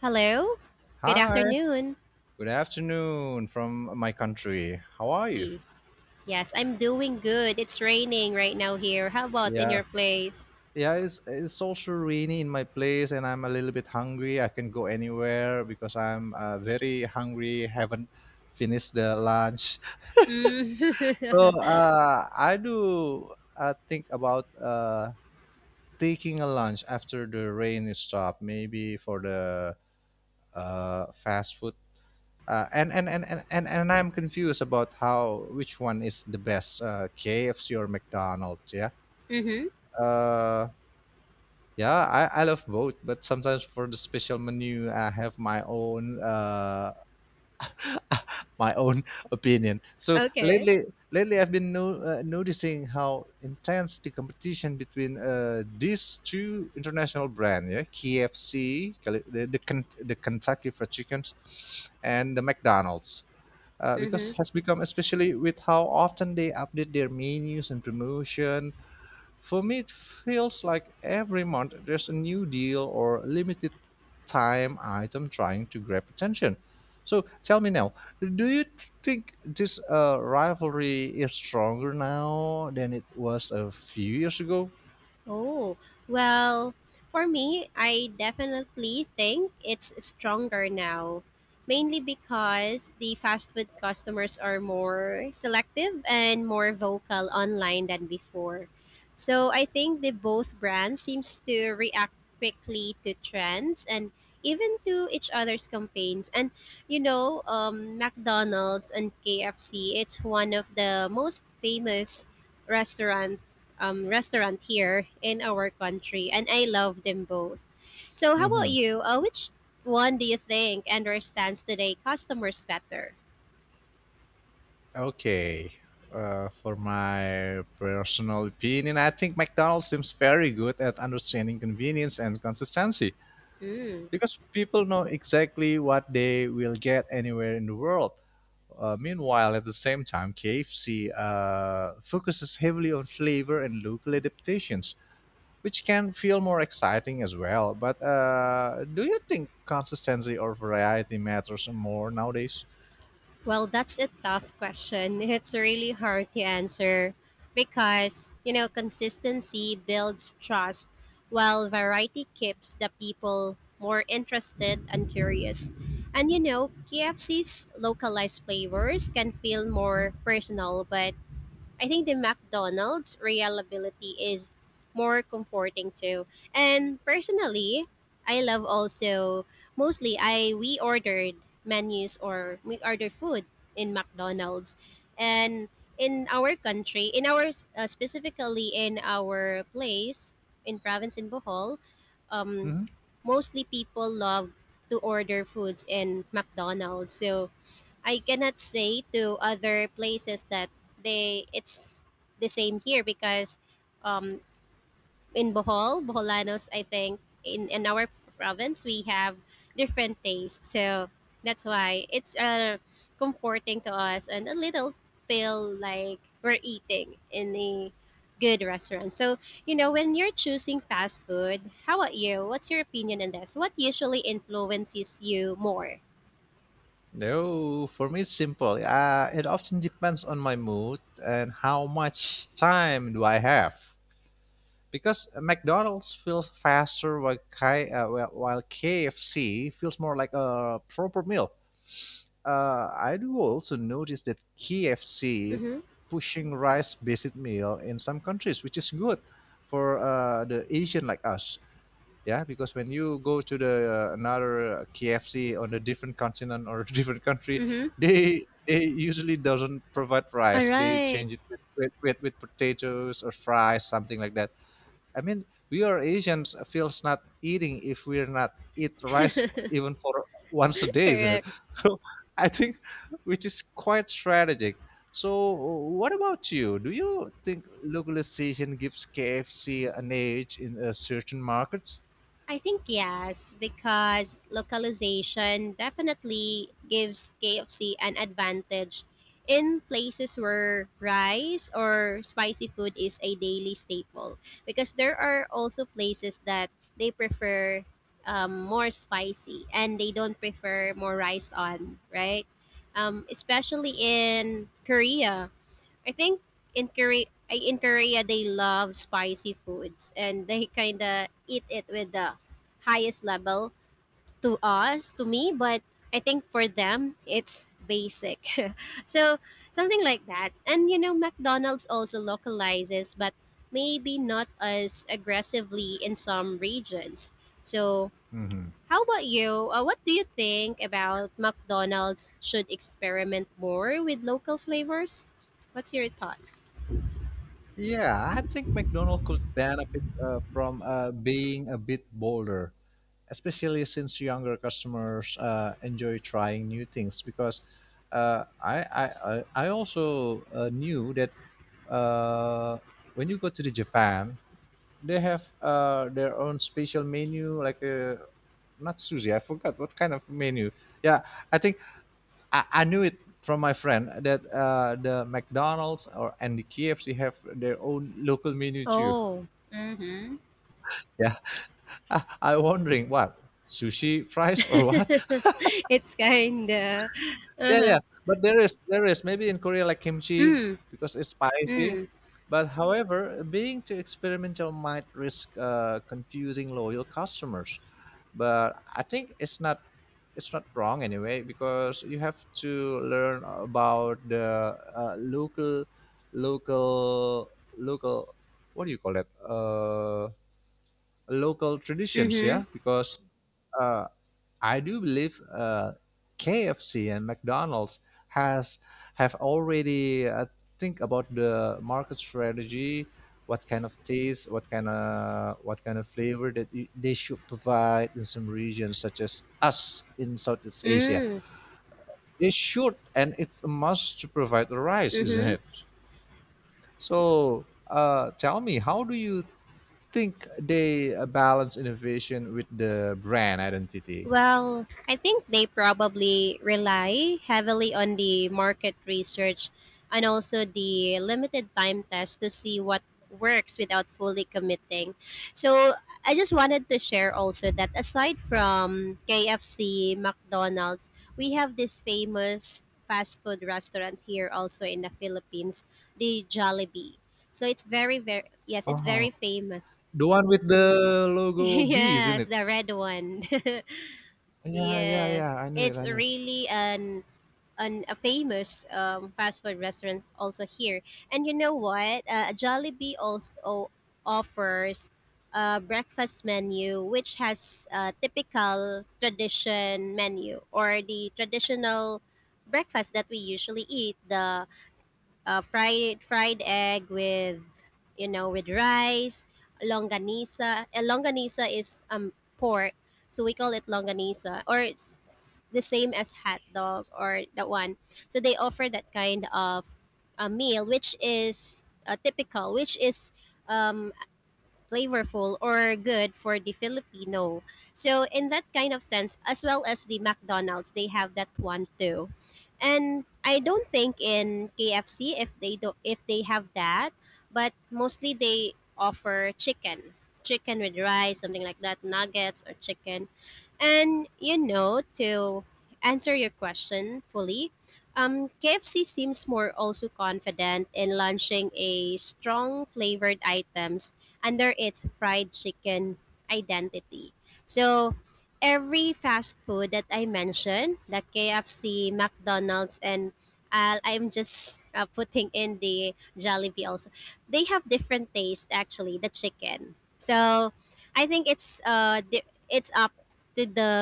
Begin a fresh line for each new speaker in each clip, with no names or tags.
Hello? Good
Hi,
afternoon.
good afternoon from my country. How are you?
Ye- Yes, I'm doing good. It's raining right now here. How about in
Yeah,
your place?
yeah, it's also rainy in my place, and I'm a little bit hungry. I can go anywhere because I'm very hungry. Haven't finished the lunch.
Mm-hmm.
So I do think about taking a lunch after the rain is stopped. Maybe for the fast food. And I'm confused about how which one is the best, KFC or McDonald's. Yeah. Uh, yeah, I love both, but sometimes for the special menu, I have my own my own opinion. So
Okay.
lately, lately I've been no, noticing how intense the competition between these two international brands, yeah, KFC, the Kentucky Fried Chicken, and the McDonald's. Because
Mm-hmm.
has become especially with how often they update their menus and promotion. For me, it feels like every month there's a new deal or limited time item trying to grab attention. So tell me now, do you think this rivalry is stronger now than it was a few years ago?
Oh, well, for me, I definitely think it's stronger now, mainly because the fast food customers are more selective and more vocal online than before. So I think the both brands seems to react quickly to trends and even to each other's campaigns. And you know, McDonald's and KFC, it's one of the most famous restaurant restaurant here in our country, and I love them both. So, how about
hmm
you? Which one do you think understands today customers better?
okay, for my personal opinion, I think McDonald's seems very good at understanding convenience and consistency, because people know exactly what they will get anywhere in the world. Meanwhile, at the same time, KFC focuses heavily on flavor and local adaptations, which can feel more exciting as well. But do you think consistency or variety matters more nowadays?
Well, that's a tough question. It's really hard to answer because, you know, consistency builds trust while variety keeps the people more interested and curious. And you know, KFC's localized flavors can feel
hmm
more personal, but I think the McDonald's reliability is more comforting too. And personally, I love also mostly I we ordered menus or we order food in McDonald's. And in our country, in our specifically in our place in province in Bohol, um,
hmm
mostly people love to order foods in McDonald's. So I cannot say to other places that they it's the same here because um, in Bohol, Boholanos, I think in our province we have different tastes, so that's why it's comforting to us and a little feel like we're eating in a good restaurant. So you know when you're choosing fast food, how about you? What's your opinion on this? What usually influences you more?
No, for me it's simple. It often depends on my mood and how much time do I have, because McDonald's feels faster, while, while KFC feels more like a proper meal. I do also notice that KFC
Mm-hmm.
pushing rice based meal in some countries, which is good for the Asian like us. Yeah, because when you go to the another KFC on a different continent or different country,
Mm-hmm.
they usually doesn't provide
All
rice. They
right.
change it with potatoes or fries, something like that. I mean, we are Asians, feels not eating if we're not eat rice f- even for once a day, isn't it?
Correct.
So I think which is quite strategic. So what about you? Do you think localization gives KFC an edge in a certain markets?
I think yes, because localization definitely gives KFC an advantage in places where rice or spicy food is a daily staple. Because there are also places that they prefer more spicy and they don't prefer more rice on, right? Especially in Korea. I think in Korea, I in Korea they love spicy foods and they kind of eat it with the highest level to us, to me, but I think for them it's basic. So something like that. And you know, McDonald's also localizes, but maybe not as aggressively in some regions. So
Mhm.
how about you? What do you think about McDonald's should experiment more with local flavors? What's your thought?
Yeah, I think McDonald's could benefit from being a bit bolder, especially since younger customers enjoy trying new things. Because uh, I, I, I also knew that uh, when you go to the Japan, they have their own special menu, like not sushi. I forgot what kind of menu. Yeah, I think I knew it from my friend that the McDonald's or and the KFC have their own local menu too.
Oh. Mm-hmm.
Yeah, I wondering what, sushi fries or what?
It's kinda uh-huh.
Yeah, but there is maybe in Korea, like kimchi, because it's spicy. But however, being too experimental might risk confusing loyal customers. But I think it's not, it's not wrong anyway, because you have to learn about the uh, local local local what do you call that, local traditions, yeah.
Mm-hmm.
Because uh, I do believe KFC and McDonald's has have already think about the market strategy, what kind of taste, what kind of flavor that they should provide in some regions such as us in Southeast Asia.
Mm.
They should, and it's a must to provide the rice, isn't
Mm-hmm.
it? So tell me, how do you think they balance innovation with the brand identity?
Well, I think they probably rely heavily on the market research and also the limited time test to see what works without fully committing. So, I just wanted to share also that aside from KFC, McDonald's, we have this famous fast food restaurant here also in the Philippines, the Jollibee. So, it's very very yes, it's
Uh-huh.
very famous.
The one with the logo B, isn't
Yes,
it?
the red one. Yes,
Yeah, I knew it.
it's
I knew it.
really an a famous fast food restaurants also here. And you know what? Jollibee also offers a breakfast menu which has a typical tradition menu or the traditional breakfast that we usually eat the fried egg with you know with rice longanisa longanisa is um, pork so we call it longanisa or it's the same as hot dog or that one so they offer that kind of a meal which is typical which is um, flavorful or good for the Filipino. So in that kind of sense, as well as the McDonald's, they have that one too. And I don't think in KFC if they have that, but mostly they offer chicken, chicken with rice, something like that, nuggets or chicken. And you know, to answer your question fully, KFC seems more also confident in launching a strong flavored items under its fried chicken identity. So, every fast food that I mentioned, the KFC, McDonald's, and I'm just putting in the Jollibee also. They have different taste actually, the chicken. So, I think it's up to the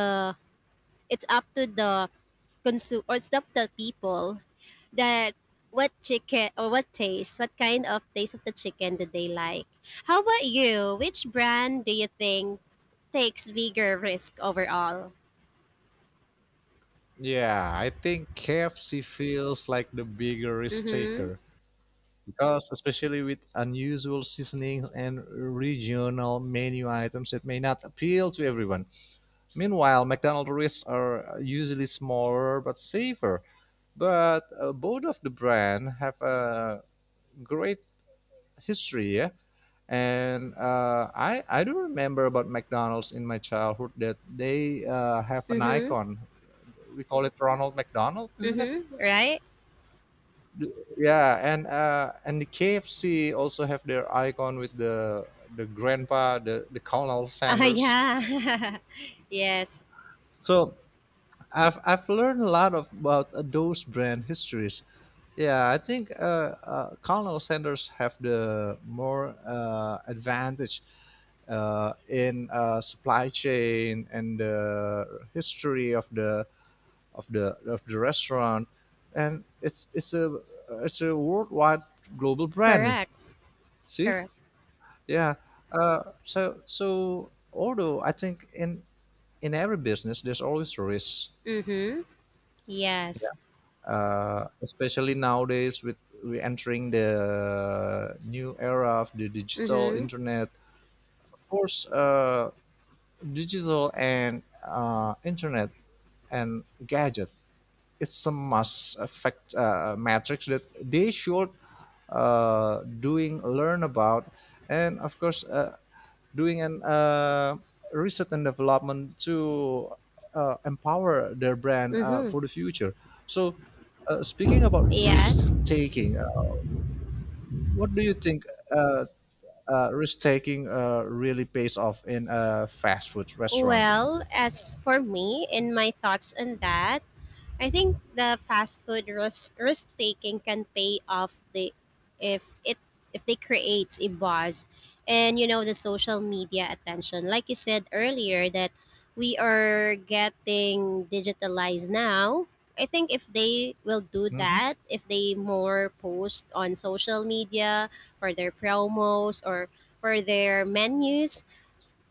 it's up to the consume or it's up to people that what chicken or what taste, what kind of taste of the chicken did they like? How about you? Which brand do you think takes bigger risk overall?
Yeah, I think KFC feels like the bigger risk
Mm-hmm.
taker because, especially with unusual seasonings and regional menu items that may not appeal to everyone. Meanwhile, McDonald's risks are usually smaller but safer. But both of the brand have a great history, yeah. And I do remember about McDonald's in my childhood that they have an
Mm-hmm.
icon. We call it Ronald McDonald, isn't it?
Mm-hmm. Right?
Yeah, and the KFC also have their icon with the grandpa, the Colonel
Ah,
Sanders.
yeah. Yes.
So I've learned a lot of, about those brand histories. Yeah, I think Colonel Sanders have the more advantage in supply chain and the history of the of the restaurant, and it's a, it's a worldwide global brand.
Correct.
See,
Correct.
yeah. Although I think in every business there's always a risk.
Mm-hmm. Yes.
Yeah. Especially nowadays with we entering the new era of the digital
Mm-hmm.
internet. Of course, digital and internet and gadget. It's a must affect matrix that they should doing learn about, and of course doing an research and development to empower their brand
Mm-hmm.
for the future. So, speaking about risk
Yes.
taking, what do you think uh, risk taking really pays off in a fast food restaurant?
Well, as for me, in my thoughts on that, I think the fast food risk taking can pay off the if it if they creates a buzz and you know the social media attention. Like you said earlier that we are getting digitalized now. I think if they will do
hmm
that, if they more post on social media for their promos or for their menus,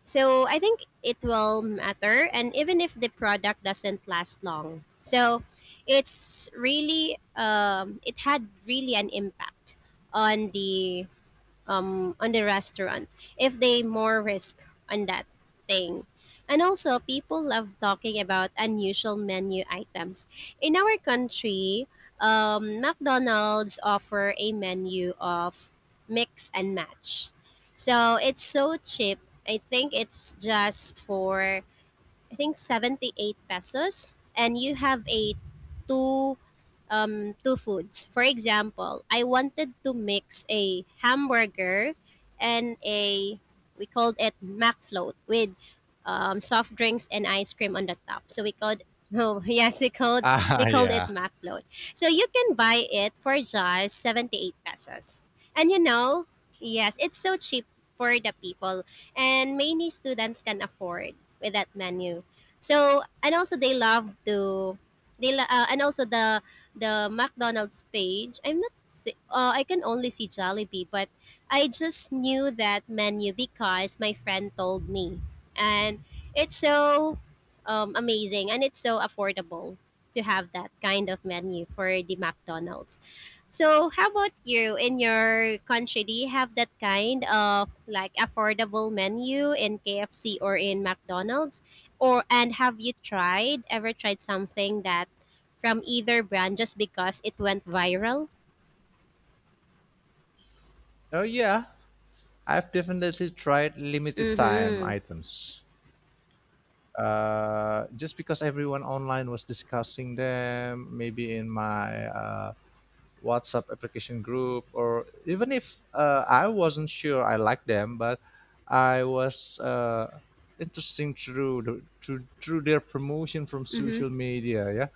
so I think it will matter, and even if the product doesn't last long, so it's really it had really an impact on the on the restaurant if they more risk on that thing. And also, people love talking about unusual menu items. In our country, McDonald's offer a menu of mix and match. So it's so cheap. I think it's just for I think 78 pesos and you have a two two foods. For example, I wanted to mix a hamburger and a we called it mac float with soft drinks and ice cream on the top. So we called no, yes, we
Ah,
called it
yeah.
mac float. So you can buy it for just 78 pesos. And you know, yes, it's so cheap for the people and many students can afford with that menu. So and also they love to they lo- and also the McDonald's page. I'm not si- I can only see Jollibee, but I just knew that menu because my friend told me, and it's so amazing and it's so affordable to have that kind of menu for the McDonald's. So, how about you in your country? Do you have that kind of like affordable menu in KFC or in McDonald's? Or and have you tried ever tried something that from either brand just because it went viral?
Oh, yeah. I've definitely tried limited time
Mm-hmm.
items, just because everyone online was discussing them, maybe in my WhatsApp application group, or even if I wasn't sure I liked them, but I was interesting through their promotion from
Mm-hmm.
social media. Yeah.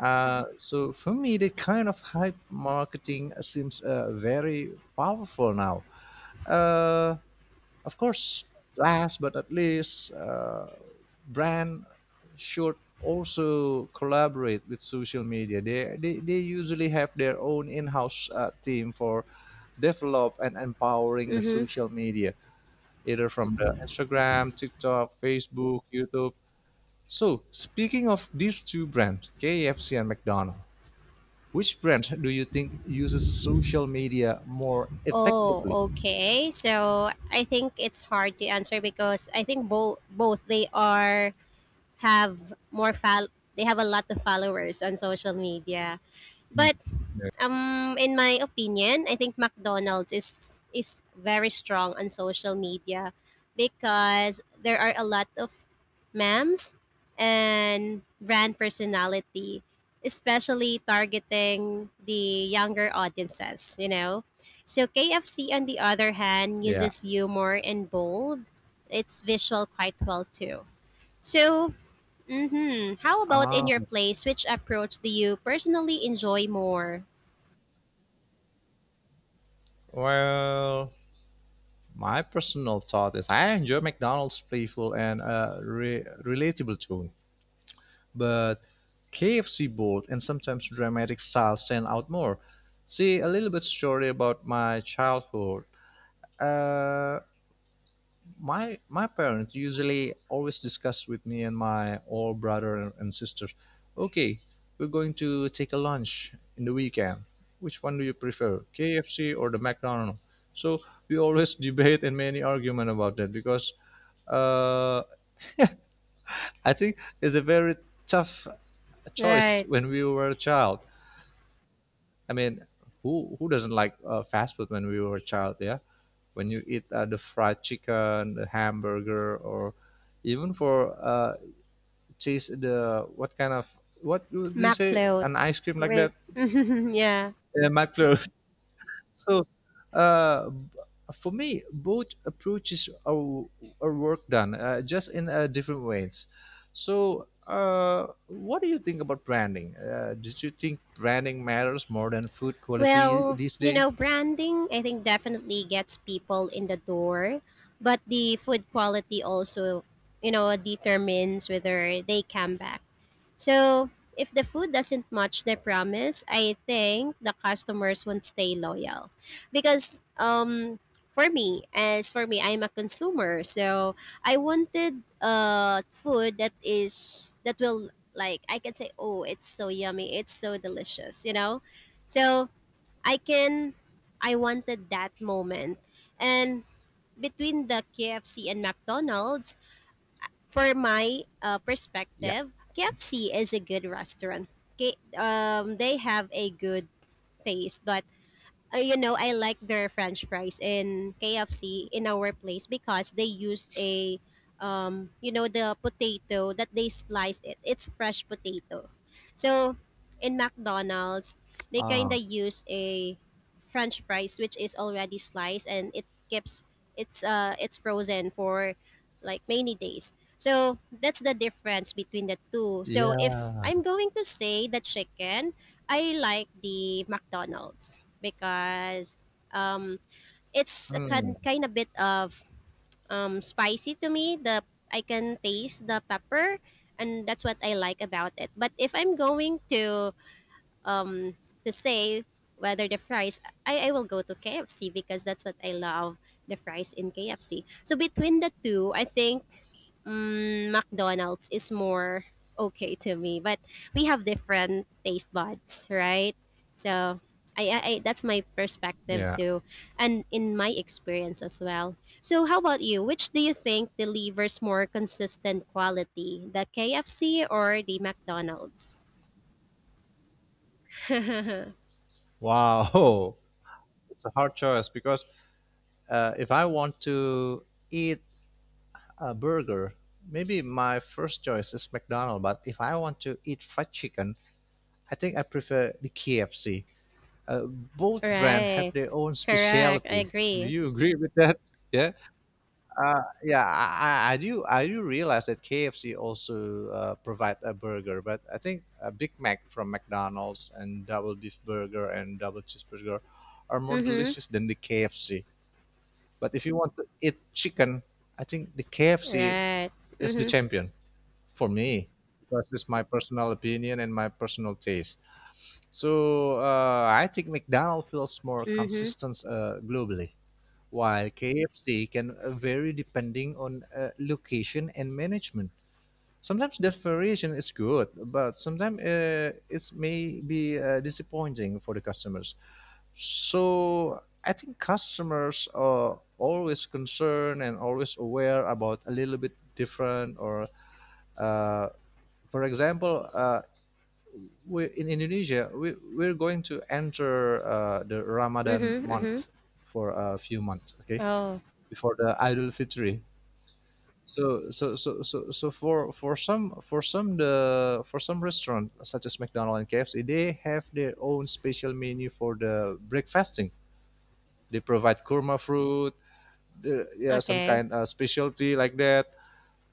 So for me, that kind of hype marketing seems very powerful now. Uh, of course, last but not least, brand should also collaborate with social media. They usually have their own in-house team for develop and empowering the
Mm-hmm.
social media, either from the Instagram, TikTok, Facebook, YouTube. So, speaking of these two brands, KFC and McDonald's, which brand do you think uses social media more
Oh,
effectively?
okay. So I think it's hard to answer because I think both they are have more fol they have a lot of followers on social media. But um, in my opinion, I think McDonald's is very strong on social media because there are a lot of memes and brand personality, especially targeting the younger audiences, you know. So KFC on the other hand
Yeah.
uses humor and bold. It's visual quite well too. So, mhm, how about in
Ah,
your place, which approach do you personally enjoy more?
well, My personal thought is I enjoy McDonald's playful and relatable tone, but KFC bold and sometimes dramatic style stand out more. See, a little bit story about my childhood. Uh, my parents usually always discuss with me and my old brother and sisters, okay, we're going to take a lunch in the weekend, which one do you prefer, KFC or the McDonald's? So we always debate and many argument about that, because uh, I think it's a very tough choice
Right.
when we were a child. I mean, who doesn't like fast food when we were a child? Yeah, when you eat the fried chicken, the hamburger, or even for cheese, the what kind of, what do you say,
McFloat.
an ice cream like
Wait.
that?
Yeah.
Yeah, McFlurry. So, uh, b- for me, both approaches are work done, just in different ways. So, what do you think about branding? Did you think branding matters more than food quality
Well,
these
you
days?
know, branding, I think definitely gets people in the door, but the food quality also, you know, determines whether they come back. So, if the food doesn't match the promise, I think the customers won't stay loyal. Because um, for me, as for me, I'm a consumer. So, I wanted uh, food that will like I can say, "Oh, it's so yummy. It's so delicious," you know? So, I can I wanted that moment. And between the KFC and McDonald's, for my
Yeah.
perspective, KFC is a good restaurant. Um, they have a good taste, but you know, I like their French fries in KFC in our place because they used you know, the potato that they sliced it. It's fresh potato. So in McDonald's, they
Ah,
kind of use a French fries which is already sliced and it keeps it's frozen for like many days. So that's the difference between the two. So
yeah.
if I'm going to say the chicken, I like the McDonald's because um, it's a
Hmm.
kind kind of bit of spicy to me. The I can taste the pepper, and that's what I like about it. But if I'm going um, to say whether the fries, I will go to KFC because that's what I love the fries in KFC. So between the two, I think mm, McDonald's is more okay to me, but we have different taste buds, right? So I that's my perspective
Yeah.
too, and in my experience as well. So how about you? Which do you think delivers more consistent quality, the KFC or the McDonald's?
Wow. It's a hard choice because if I want to eat a burger, maybe my first choice is McDonald's. But if I want to eat fried chicken, I think I prefer the KFC. Both brand have
Right,
their own
correct. I
specialty. Do
agree.
you agree with that? Yeah. Yeah, I do. I do realize that KFC also provide a burger, but I think a Big Mac from McDonald's and double beef burger and double cheeseburger are more
Mhm.
delicious than the KFC. But if you want to eat chicken, I think the KFC
Right.
is the
Mhm.
champion for me, because it's my personal opinion and my personal taste. So I think McDonald's feels more
Mhm.
consistent globally, while KFC can vary depending on location and management. Sometimes that variation is good, but sometimes it may be disappointing for the customers. So I think customers are always concerned and always aware about a little bit different or, uh, for example, we in Indonesia, we're going to enter the Ramadan
Mhm. Mhm.
month for a few months, okay?
Oh,
Before the Idul Fitri. So so so so so for some the for some restaurant such as McDonald's and KFC, they have their own special menu for the breakfasting. They provide kurma fruit, yeah, some
okay.
kind of specialty like that.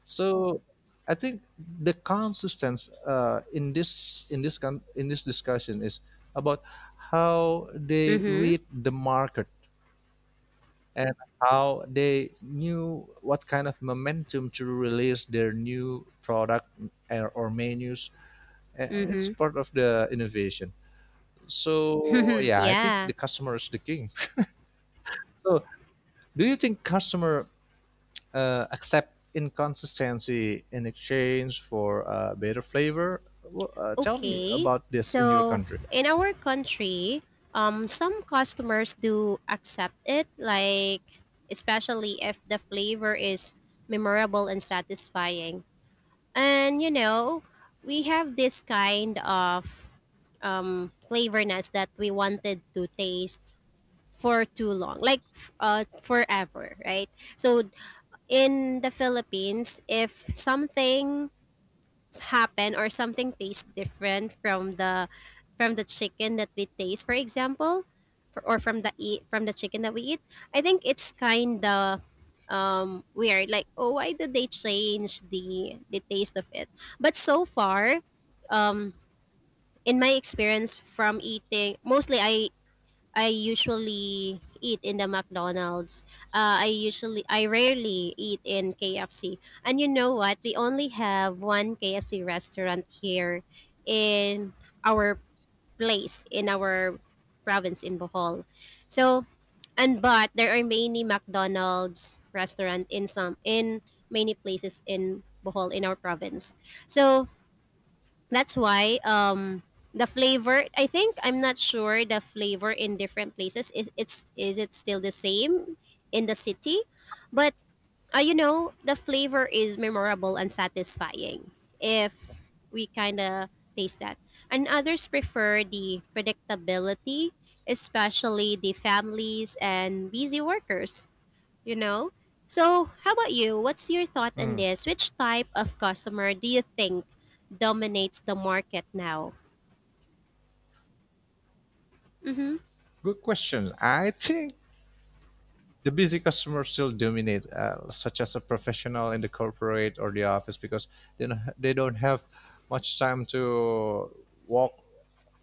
So I think the consistency in this in this discussion is about how they
Mm-hmm.
read the market and how they knew what kind of momentum to release their new product or menus. And it's
Mm-hmm.
part of the innovation. So yeah, I think
Yeah.
the customer is the king. So do you think customer accept inconsistency in exchange for better flavor? Well, tell me
Okay.
about this in your
So
country.
in our country, some customers do accept it, like especially if the flavor is memorable and satisfying. And you know, we have this kind of flavorness that we wanted to taste for too long, forever, right? So in the Philippines, if something happen or something tastes different from the chicken that we taste for example or from the eat from the chicken that we eat, I think it's kind of um, weird, like, oh, why did they change the taste of it? But so far um, in my experience from eating mostly I usually eat in the McDonald's. I rarely eat in KFC. And you know what? We only have one KFC restaurant here in our place, in our province in Bohol. So, and but there are many McDonald's restaurant in many places in Bohol in our province. So that's why the flavor, I think, I'm not sure the flavor in different places is it's is it still the same in the city, but you know, the flavor is memorable and satisfying if we kind of taste that. And others prefer the predictability, especially the families and busy workers, you know? So, how about you? What's your thought on
Hmm.
this? Which type of customer do you think dominates the market now?
Good question. I think the busy customers still dominate, such as a professional in the corporate or the office, because they don't have much time to walk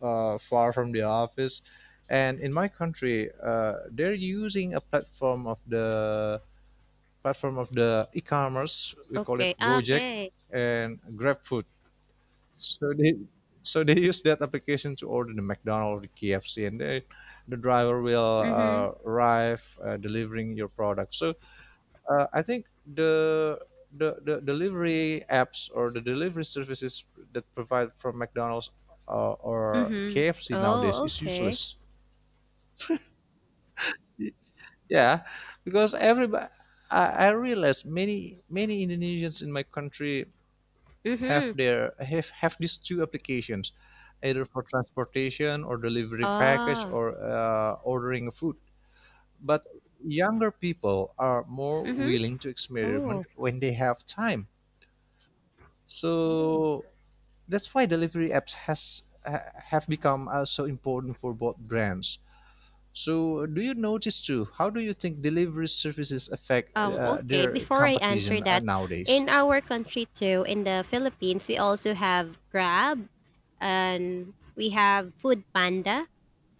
far from the office. And in my country, they're using a platform of the e-commerce. We call it
Okay. Ah,
Gojek
okay.
and GrabFood. So they so they use that application to order the McDonald's, the KFC, and they, the driver will
Mhm.
arrive delivering your product. So I think the delivery apps or the delivery services that provide from McDonald's or
Mhm.
KFC nowadays
Oh,
is
okay.
useless. Yeah, because everybody, I realize many Indonesians in my country have
Mhm.
their have these two applications, either for transportation or delivering package
Ah.
or ordering food. But younger people are more
Mhm.
willing to
Oh.
experiment when they have time. So that's why delivery apps have become so important for both brands. So do you notice too, how do you think delivery services affect
Okay,
their
before I answer
competition
that,
nowadays?
in our country too, in the Philippines, we also have Grab and we have Food Panda,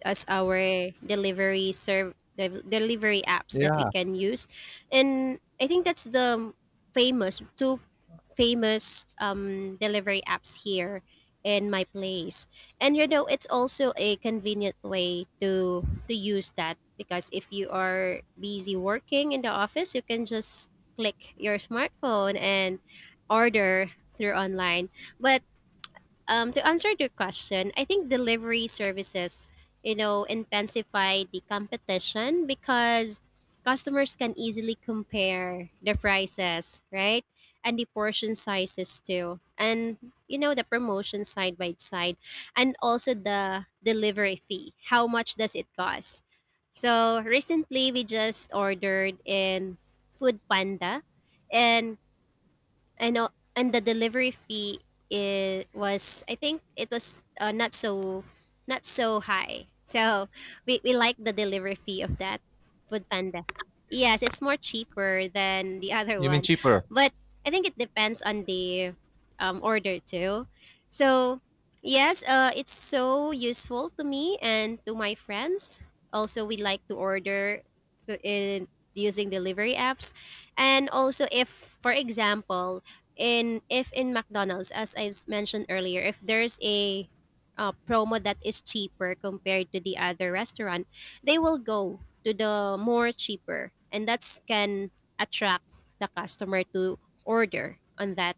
as our delivery apps that we
Yeah.
can use. And I think that's the famous two famous delivery apps here in my place. And you know, it's also a convenient way to use that, because if you are busy working in the office, you can just click your smartphone and order through online. But to answer your question, I think delivery services, you know, intensify the competition because customers can easily compare the prices, right? And the portion sizes too. And, you know, the promotion side by side. And also the delivery fee. How much does it cost? So recently we just ordered in Food Panda, and and and the delivery fee, it was, I think it was, not so, not so high. So we like the delivery fee of that Food Panda. Yes, it's more cheaper than the other
You mean
one.
cheaper?
But I think it depends on the order too. So yes, it's so useful to me and to my friends. Also, we like to order in using delivery apps. And also if, for example, in if in McDonald's, as mentioned earlier, if there's a promo that is cheaper compared to the other restaurant, they will go to the more cheaper, and that's can attract the customer to order on that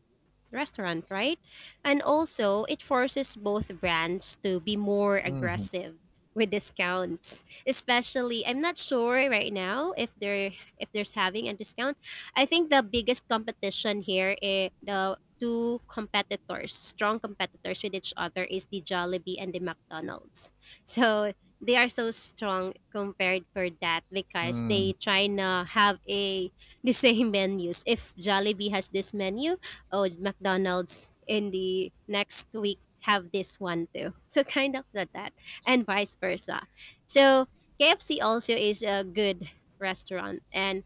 restaurant, right? And also, it forces both brands to be more
Hmm.
aggressive with discounts, especially, I'm not sure right now if they're if there's having a discount. I think the biggest competition here, eh, the two competitors, strong competitors with each other, is the Jollibee and the McDonald's. So they are so strong compared for that because
Mm.
they try to have a the same menus. If Jollibee has this menu, oh, McDonald's in the next week have this one too. So kind of like that, and vice versa. So KFC also is a good restaurant and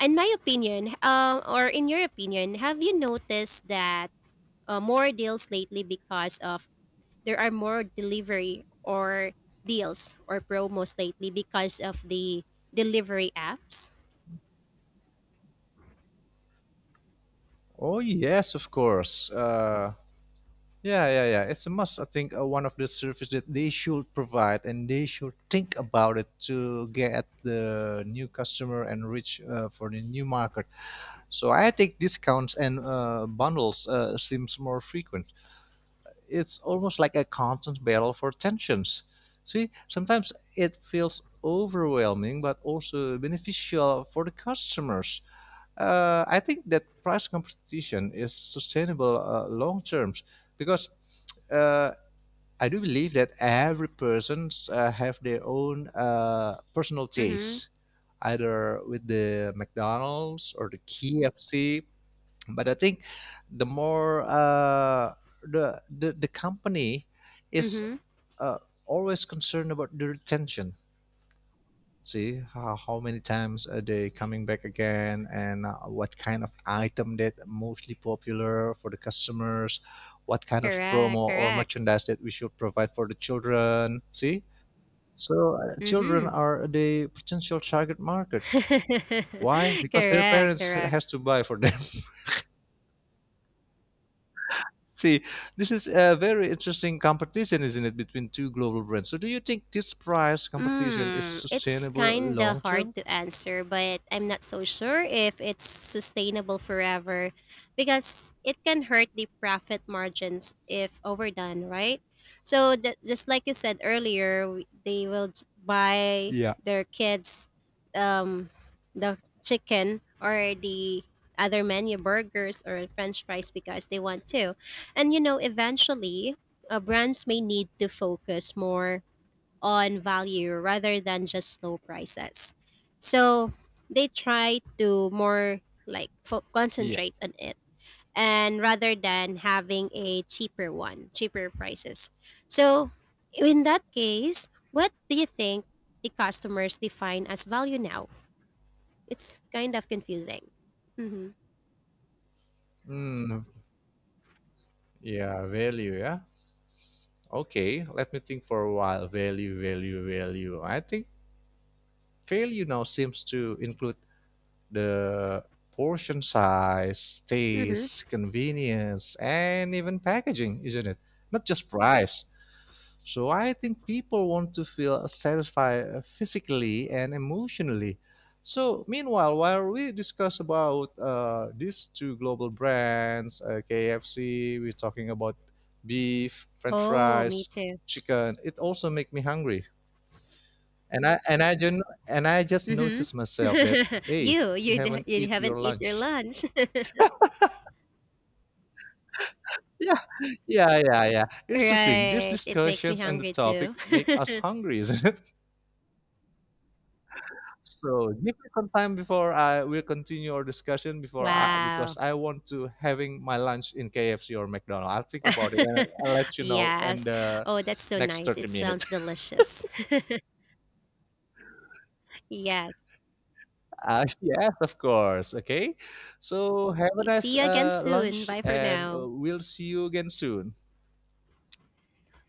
in my opinion, or in your opinion, have you noticed that more deals lately because of, there are more delivery or deals or promos lately because of the delivery apps?
Oh yes, of course. Yeah, yeah, yeah. It's a must. I think one of the service that they should provide, and they should think about it to get the new customer and reach for the new market. So I think discounts and bundles seems more frequent. It's almost like a constant battle for tensions. See, sometimes it feels overwhelming, but also beneficial for the customers. I think that price competition is sustainable long terms, because uh, I do believe that every persons have their own personal
Mm-hmm.
taste, either with the McDonald's or the KFC. But I think the more the company is
Mm-hmm.
uh, always concerned about the retention. See how many times are they coming back again, and what kind of item that mostly popular for the customers, what kind of
Correct.
promo or
Correct.
merchandise that we should provide for the children. See, so children
Mm-hmm.
are the potential target market. Why? Because their
Correct.
parents
Correct.
has to buy for them. See, this is a very interesting competition, isn't it, between two global brands? So do you think this price competition is
Mm, it's
sustainable
kind
long
of hard
term?
to answer, but I'm not so sure if it's sustainable forever because it can hurt the profit margins if overdone, right? So, just like you said earlier, they will buy
Yeah.
their kids um, the chicken or the other menu, burgers or french fries, because they want to. And you know, eventually, brands may need to focus more on value rather than just low prices. So they try to more like
Yeah.
concentrate on it, and rather than having a cheaper one, cheaper prices. So in that case, what do you think the customers define as value now? It's kind of confusing. Mm-hmm.
Hmm. Yeah, value. Yeah. Okay. Let me think for a while. Value, value, value. I think value now seems to include the portion size,
Mm-hmm.
taste, convenience, and even packaging, isn't it? Not just price. So I think people want to feel satisfied physically and emotionally. So meanwhile, while we discuss about these two global brands, KFC, we're talking about beef, French
Oh, me
fries,
too.
chicken. It also make me hungry, and I and I just and I just
Mm-hmm.
noticed myself that hey, you haven't
You
eat
haven't
your
eat your
lunch.
lunch.
Yeah, yeah, yeah, yeah. Interesting. These
Right. It makes me
discussions and the
hungry
topic
too.
make us hungry, is not it? So give me some time before I will continue our discussion before I, because
Wow.
I want to having my lunch in KFC or McDonald's. I'll think about it and I'll let you know in
Yes.
the
Oh, that's so
next
nice.
30
It
minutes.
sounds delicious. Yes.
Yes, of course. Okay. So have a nice
See you again soon.
lunch
Bye for
and
now.
we'll see you again soon.